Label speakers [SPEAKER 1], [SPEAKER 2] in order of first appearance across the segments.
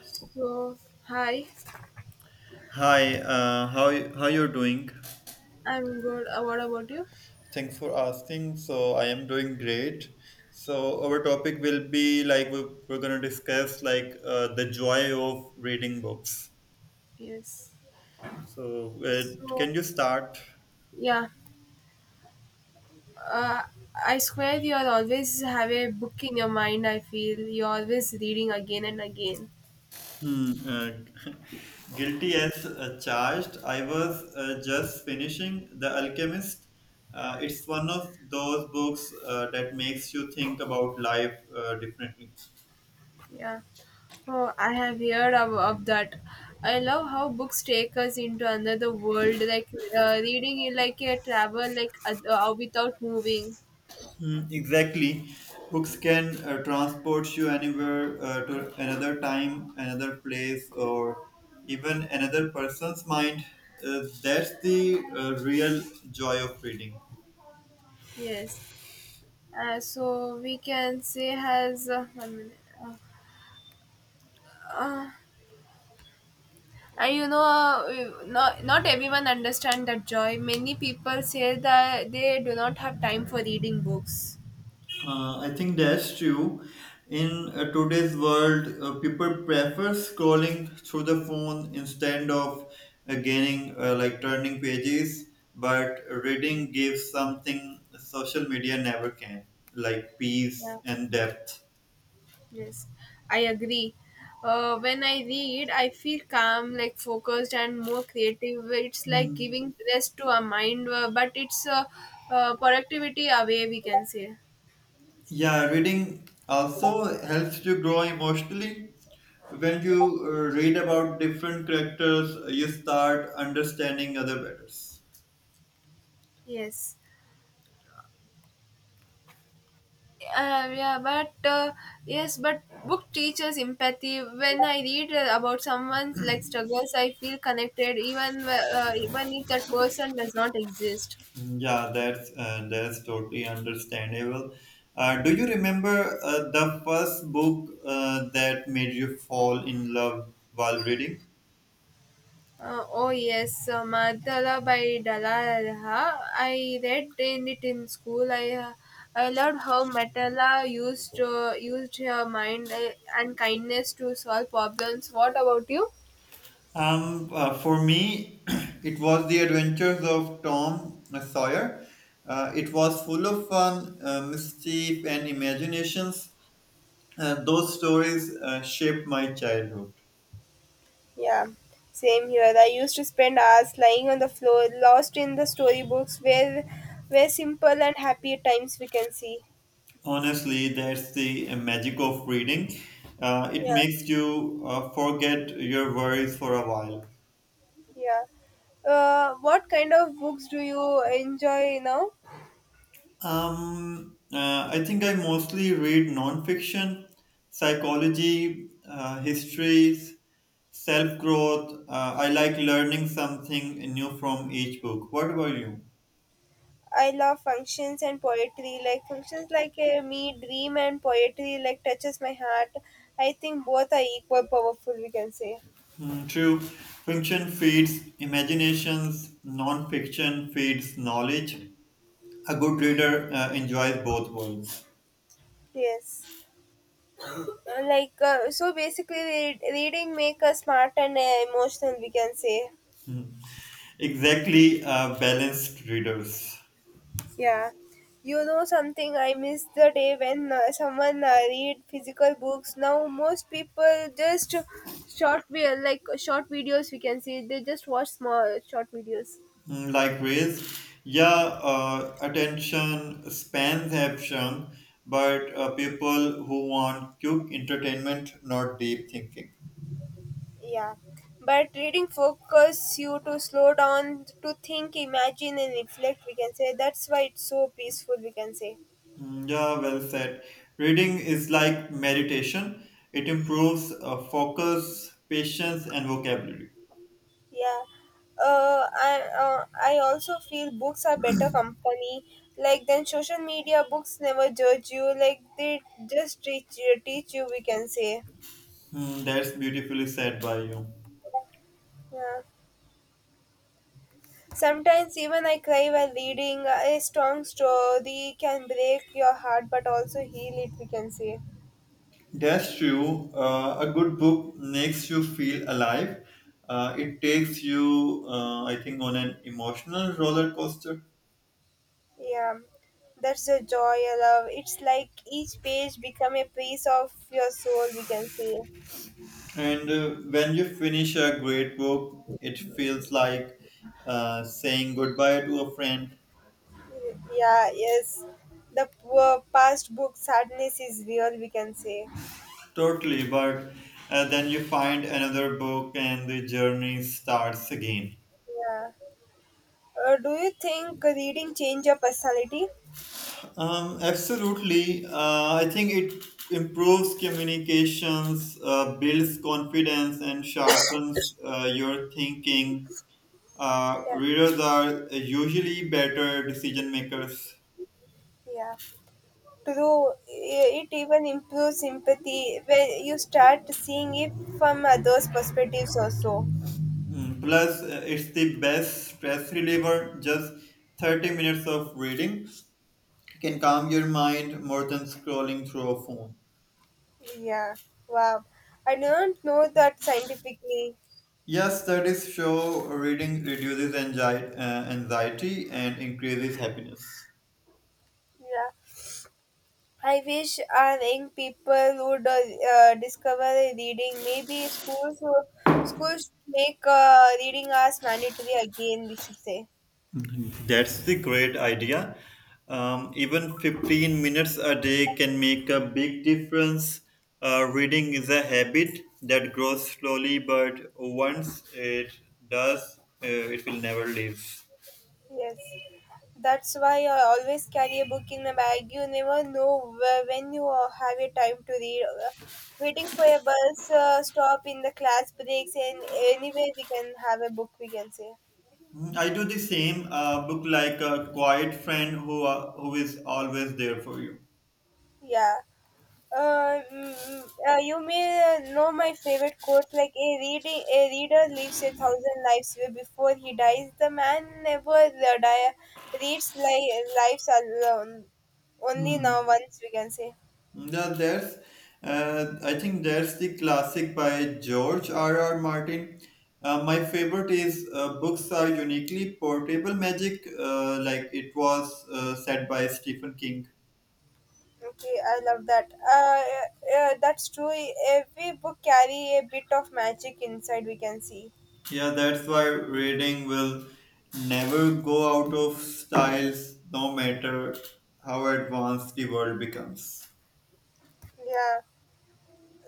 [SPEAKER 1] So, hi,
[SPEAKER 2] Hi, how you doing?
[SPEAKER 1] I'm good. What about you?
[SPEAKER 2] Thanks for asking. So I am doing great. So our topic will be like we're gonna discuss like the joy of reading books.
[SPEAKER 1] Yes.
[SPEAKER 2] So
[SPEAKER 1] So,
[SPEAKER 2] can you start?
[SPEAKER 1] yeah, uh, I swear you are always have a book in your mind. I feel you're always reading again and again.
[SPEAKER 2] Hmm, uh, guilty as charged. I was just finishing The Alchemist. It's one of those books that makes you think about life differently.
[SPEAKER 1] Yeah. Oh, I have heard of that. I love how books take us into another world, like reading is like a travel, like without moving.
[SPEAKER 2] Mm, exactly. Books can transport you anywhere, to another time, another place, or even another person's mind. That's the real joy of reading.
[SPEAKER 1] Yes. So we can say has 1 minute. Uh, uh, And not everyone understand that joy. Many people say that they do not have time for reading books.
[SPEAKER 2] I think that's true. In today's world, people prefer scrolling through the phone instead of like turning pages. But reading gives something social media never can, like
[SPEAKER 1] Yeah,
[SPEAKER 2] peace and depth.
[SPEAKER 1] yes, I agree. When I read, I feel calm, like focused and more creative. It's like giving rest to our mind, but it's a productivity away, we can say.
[SPEAKER 2] Yeah, reading also helps you grow emotionally. When you read about different characters, you start understanding other better.
[SPEAKER 1] Yes. Yeah, but yes, but book teaches empathy. When I read about someone's like struggles, I feel connected, even if that person does not exist.
[SPEAKER 2] Yeah, that's totally understandable. Do you remember the first book that made you fall in love while reading?
[SPEAKER 1] Oh yes, Madala by Dalalaha. I read in it in school. I loved how Matala used her mind and kindness to solve problems. What about you?
[SPEAKER 2] For me, it was The Adventures of Tom Sawyer. It was full of fun, mischief, and imaginations. Those stories shaped my childhood.
[SPEAKER 1] Yeah, same here. I used to spend hours lying on the floor, lost in the storybooks where simple and happy times we can see.
[SPEAKER 2] Honestly, that's the magic of reading. It
[SPEAKER 1] Yeah,
[SPEAKER 2] makes you forget your worries for a while.
[SPEAKER 1] yeah. What kind of books do you enjoy now?
[SPEAKER 2] I think I mostly read nonfiction, psychology, histories, self growth. I like learning something new from each book. What about you?
[SPEAKER 1] I love functions and poetry. Like functions like me, dream and poetry like touches my heart. I think both are equal powerful. We can say.
[SPEAKER 2] Mm, true. Fiction feeds imaginations, non fiction feeds knowledge. A good reader enjoys both worlds.
[SPEAKER 1] Yes. Like so, basically, reading make us smart and emotional. We can say.
[SPEAKER 2] Hmm. Exactly, balanced readers.
[SPEAKER 1] Yeah, you know something, I miss the day when someone read physical books. Now most people just like short videos we can see. They just watch small short videos.
[SPEAKER 2] Hmm, like Ray's, yeah, attention spans have shrunk, but people who want quick entertainment, not deep thinking.
[SPEAKER 1] Yeah, but reading focus you to slow down to think, imagine, and reflect. We can say that's why it's so peaceful. We can say.
[SPEAKER 2] Hmm, yeah, well said. Reading is like meditation, it improves focus, patience, and vocabulary.
[SPEAKER 1] Yeah. I also feel books are better company. Like then social media books never judge you. Like they just teach you. We can say.
[SPEAKER 2] Hmm, that's beautifully said by you.
[SPEAKER 1] Yeah. Sometimes even I cry while reading. A strong story can break your heart, but also heal it. We can say.
[SPEAKER 2] That's true. A good book makes you feel alive. It takes you, I think, on an emotional roller coaster.
[SPEAKER 1] Yeah. That's the joy I love. It's like each page become a piece of your soul. We can say.
[SPEAKER 2] And when you finish a great book, it feels like saying goodbye to a friend.
[SPEAKER 1] Yeah, yes. The poor past book sadness is real, we can say.
[SPEAKER 2] Totally, but then you find another book and the journey starts again.
[SPEAKER 1] Yeah. Do you think reading change your personality?
[SPEAKER 2] Absolutely. I think it improves communications, builds confidence, and sharpens your thinking. Uh,
[SPEAKER 1] Yeah.
[SPEAKER 2] readers are usually better decision makers.
[SPEAKER 1] Yeah. True. It even improves empathy when you start seeing it from others' perspectives also.
[SPEAKER 2] Hmm. Plus, it's the best stress reliever. Just 30 minutes of reading can calm your mind more than scrolling through a phone.
[SPEAKER 1] Yeah. Wow. I don't know that scientifically.
[SPEAKER 2] Yes, studies show reading reduces anxiety and increases happiness.
[SPEAKER 1] Yeah. I wish our young people would discover reading. Maybe schools should make reading as mandatory again. We should say.
[SPEAKER 2] That's the great idea. Even 15 minutes a day can make a big difference. Reading is a habit that grows slowly, but once it does, it will never leave.
[SPEAKER 1] Yes. That's why I always carry a book in my bag. You never know where, when you have your time to read. Waiting for a bus stop in the class breaks and anywhere we can have a book. We can say.
[SPEAKER 2] Mm, I do the same. Book like a quiet friend who is always there for you.
[SPEAKER 1] Yeah. You may know my favorite quote, like a reading a reader lives a thousand lives before he dies, the man never die lives alone only now once, we can say.
[SPEAKER 2] No, there's, I think there's the classic by George R. R. Martin. My favorite is books are uniquely portable magic, like it was said by Stephen King.
[SPEAKER 1] Okay, I love that, that's true. Every book carry a bit of magic inside, we can see.
[SPEAKER 2] Yeah, that's why reading will never go out of styles, no matter how advanced the world becomes.
[SPEAKER 1] Yeah,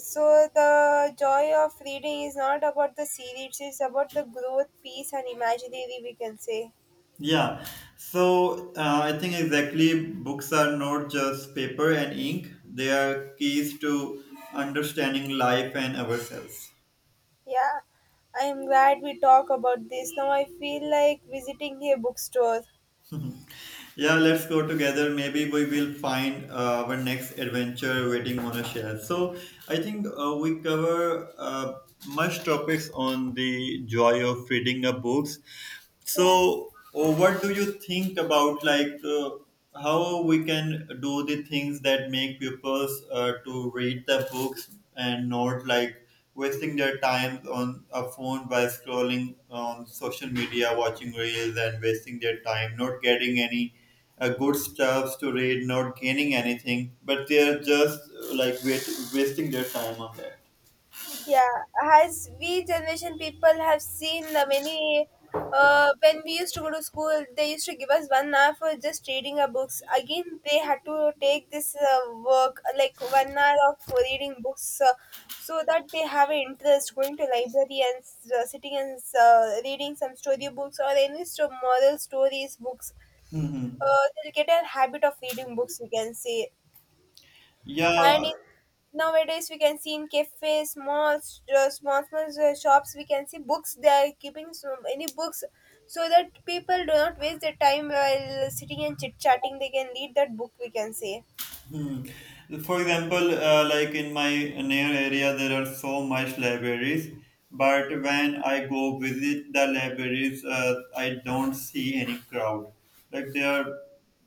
[SPEAKER 1] so the joy of reading is not about the series. It's about the growth, peace, and imaginary, we can say.
[SPEAKER 2] Yeah, so I think exactly books are not just paper and ink, they are keys to understanding life and ourselves.
[SPEAKER 1] Yeah, I am glad we talk about this. Now I feel like visiting a bookstore.
[SPEAKER 2] yeah, let's go together. Maybe we will find our next adventure waiting on a share. So I think we cover much topics on the joy of reading a books.
[SPEAKER 1] Yeah,
[SPEAKER 2] So, what do you think about like how we can do the things that make pupils to read the books and not like wasting their time on a phone by scrolling on social media, watching reels, and wasting their time, not getting any good stuffs to read, not gaining anything, but they are just like wasting their time on that.
[SPEAKER 1] yeah. As we generation people have seen many, when we used to go to school, they used to give us 1 hour for just reading our books. Again, they had to take this work like 1 hour of reading books. So that they have an interest going to library and sitting and reading some story books or moral stories books,
[SPEAKER 2] Mm-hmm.
[SPEAKER 1] they'll get a habit of reading books, we can say.
[SPEAKER 2] Yeah.
[SPEAKER 1] And nowadays we can see in cafes, malls, small small shops, we can see books. They are keeping so many books, so that people do not waste their time while sitting and chit chatting, they can read that book, we can say.
[SPEAKER 2] Hmm. For example, like in my near area, there are so much libraries, but when I go visit the libraries, I don't see any crowd. Like there are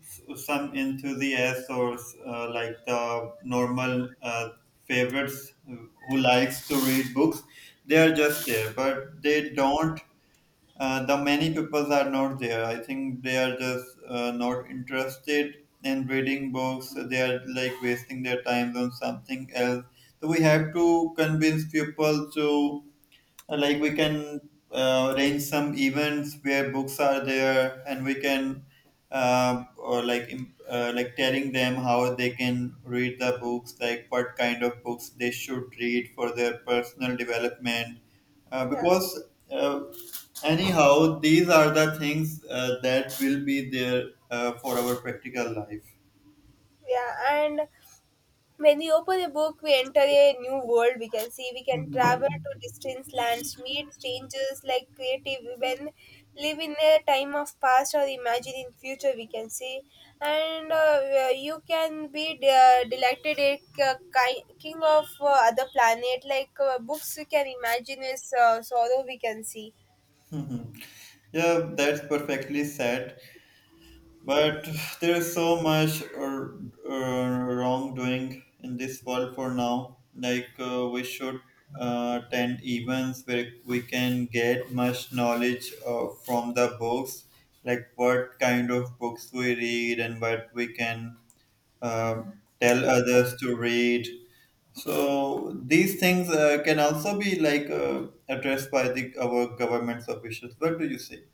[SPEAKER 2] some enthusiasts or like the normal favorites who likes to read books. They are just there, but the many people are not there. I think they are just not interested in reading books. They are like wasting their time on something else. So we have to convince people to like we can arrange some events where books are there and we can or like telling them how they can read the books, like what kind of books they should read for their personal development, uh,
[SPEAKER 1] Yeah,
[SPEAKER 2] because uh, anyhow these are the things that will be there for our practical life.
[SPEAKER 1] yeah, and when we open a book, we enter a new world. We can see, we can travel
[SPEAKER 2] Mhm.
[SPEAKER 1] to distant lands, meet strangers like creative women, live in a time of past or imagine in future. We can see, and you can be delighted a king of other planet. Like books, we can imagine is sorrow. We can see.
[SPEAKER 2] Mhm. Yeah, that's perfectly said. But there is so much wrongdoing in this world for now. Like we should attend events where we can get much knowledge from the books, like what kind of books we read and what we can uh, tell others to read. So these things can also be like addressed by the our government's officials. What do you say?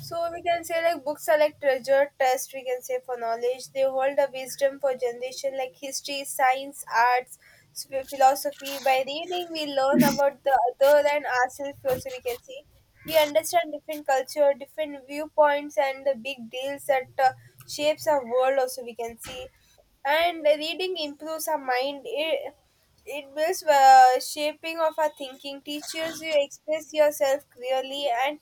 [SPEAKER 1] So we can say like books are like treasure test. We can say for knowledge, they hold the wisdom for generation like history, science, arts, philosophy. By reading, we learn about the other and ourselves. Also, we can see we understand different culture, different viewpoints, and the big deals that shapes our world. Also, we can see, and reading improves our mind. It builds shaping of our thinking, teaches you express yourself clearly and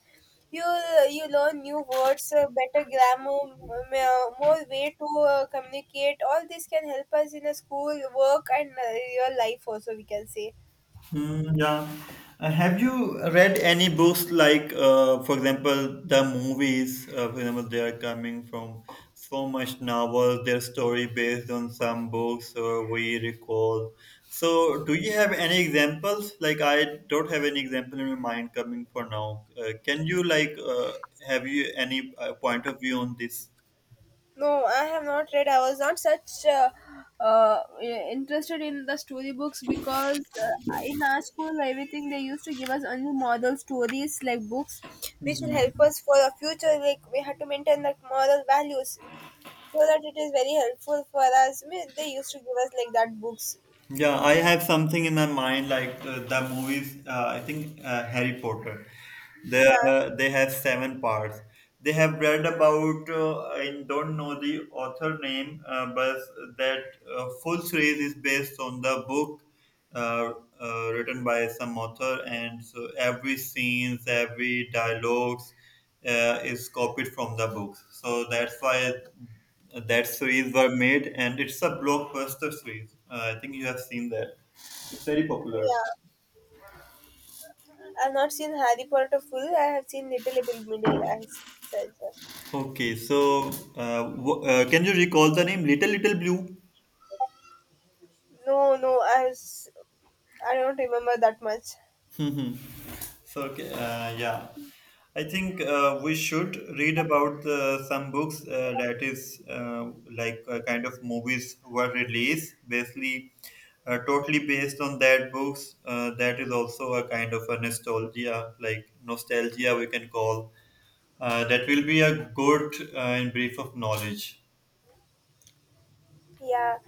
[SPEAKER 1] you learn new words, better grammar, more way to communicate all this can help us in a school work and real life also, we can say.
[SPEAKER 2] Hmm. Yeah. Have you read any books like, for example, the movies? For example, they are coming from so much novels. Their story based on some books, or we recall. So, do you have any examples? Like, I don't have any example in my mind coming for now. Can you like, have you any point of view on this?
[SPEAKER 1] No, I have not read. I was not such uh, interested in the storybooks because in our school, everything they used to give us only model stories like books which will help us for the future, like we had to maintain the moral values, so that it is very helpful for us. I mean, they used to give us like that books.
[SPEAKER 2] Yeah, I have something in my mind like the movies. I think Harry Potter. They
[SPEAKER 1] Yeah,
[SPEAKER 2] they have seven parts. They have read about. I don't know the author name, but that full series is based on the book uh, written by some author, and so every scenes, every dialogues is copied from the books. So that's why that series were made, and it's a blockbuster series. I think you have seen that. It's very popular.
[SPEAKER 1] yeah. I've not seen Harry Potter full. I have seen Little, Middle. I see, so it's...
[SPEAKER 2] Okay, so can you recall the name Little Little Blue?
[SPEAKER 1] No, no. I was. I don't remember that much.
[SPEAKER 2] So, okay, yeah, I think we should read about the, some books that is like kind of movies were released, basically totally based on that books. That is also a kind of a nostalgia, like nostalgia we can call. That will be a good in brief of knowledge.
[SPEAKER 1] Yeah,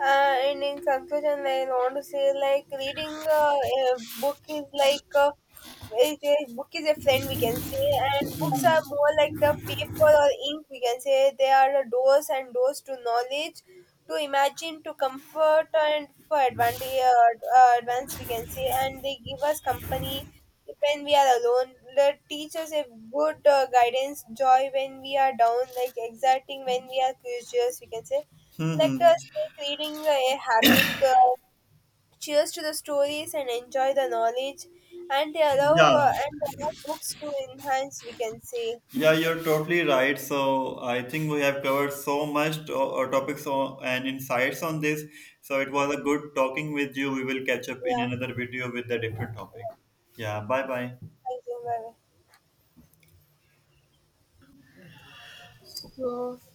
[SPEAKER 1] and in conclusion, I want to say like reading a book is like is a book is a friend, we can say, and books are more like the paper or ink, we can say. They are the doors and doors to knowledge, to imagine, to comfort, and for advantage uh, uh, advance, we can say, and they give us company when we are alone. The teachers have good guidance, joy when we are down, like exciting when we are curious, we can say.
[SPEAKER 2] Hmm,
[SPEAKER 1] Let
[SPEAKER 2] hmm.
[SPEAKER 1] us make reading a habit. Cheers to the stories and enjoy the knowledge, and they allow
[SPEAKER 2] Yeah.
[SPEAKER 1] uh, and allow books to enhance. We can say.
[SPEAKER 2] Yeah, you're totally right. So I think we have covered so much topics on, and insights on this. So it was a good talking with you. We will catch up in
[SPEAKER 1] Yeah.
[SPEAKER 2] another video with a different topic. Yeah, bye bye.
[SPEAKER 1] Thank you. Bye.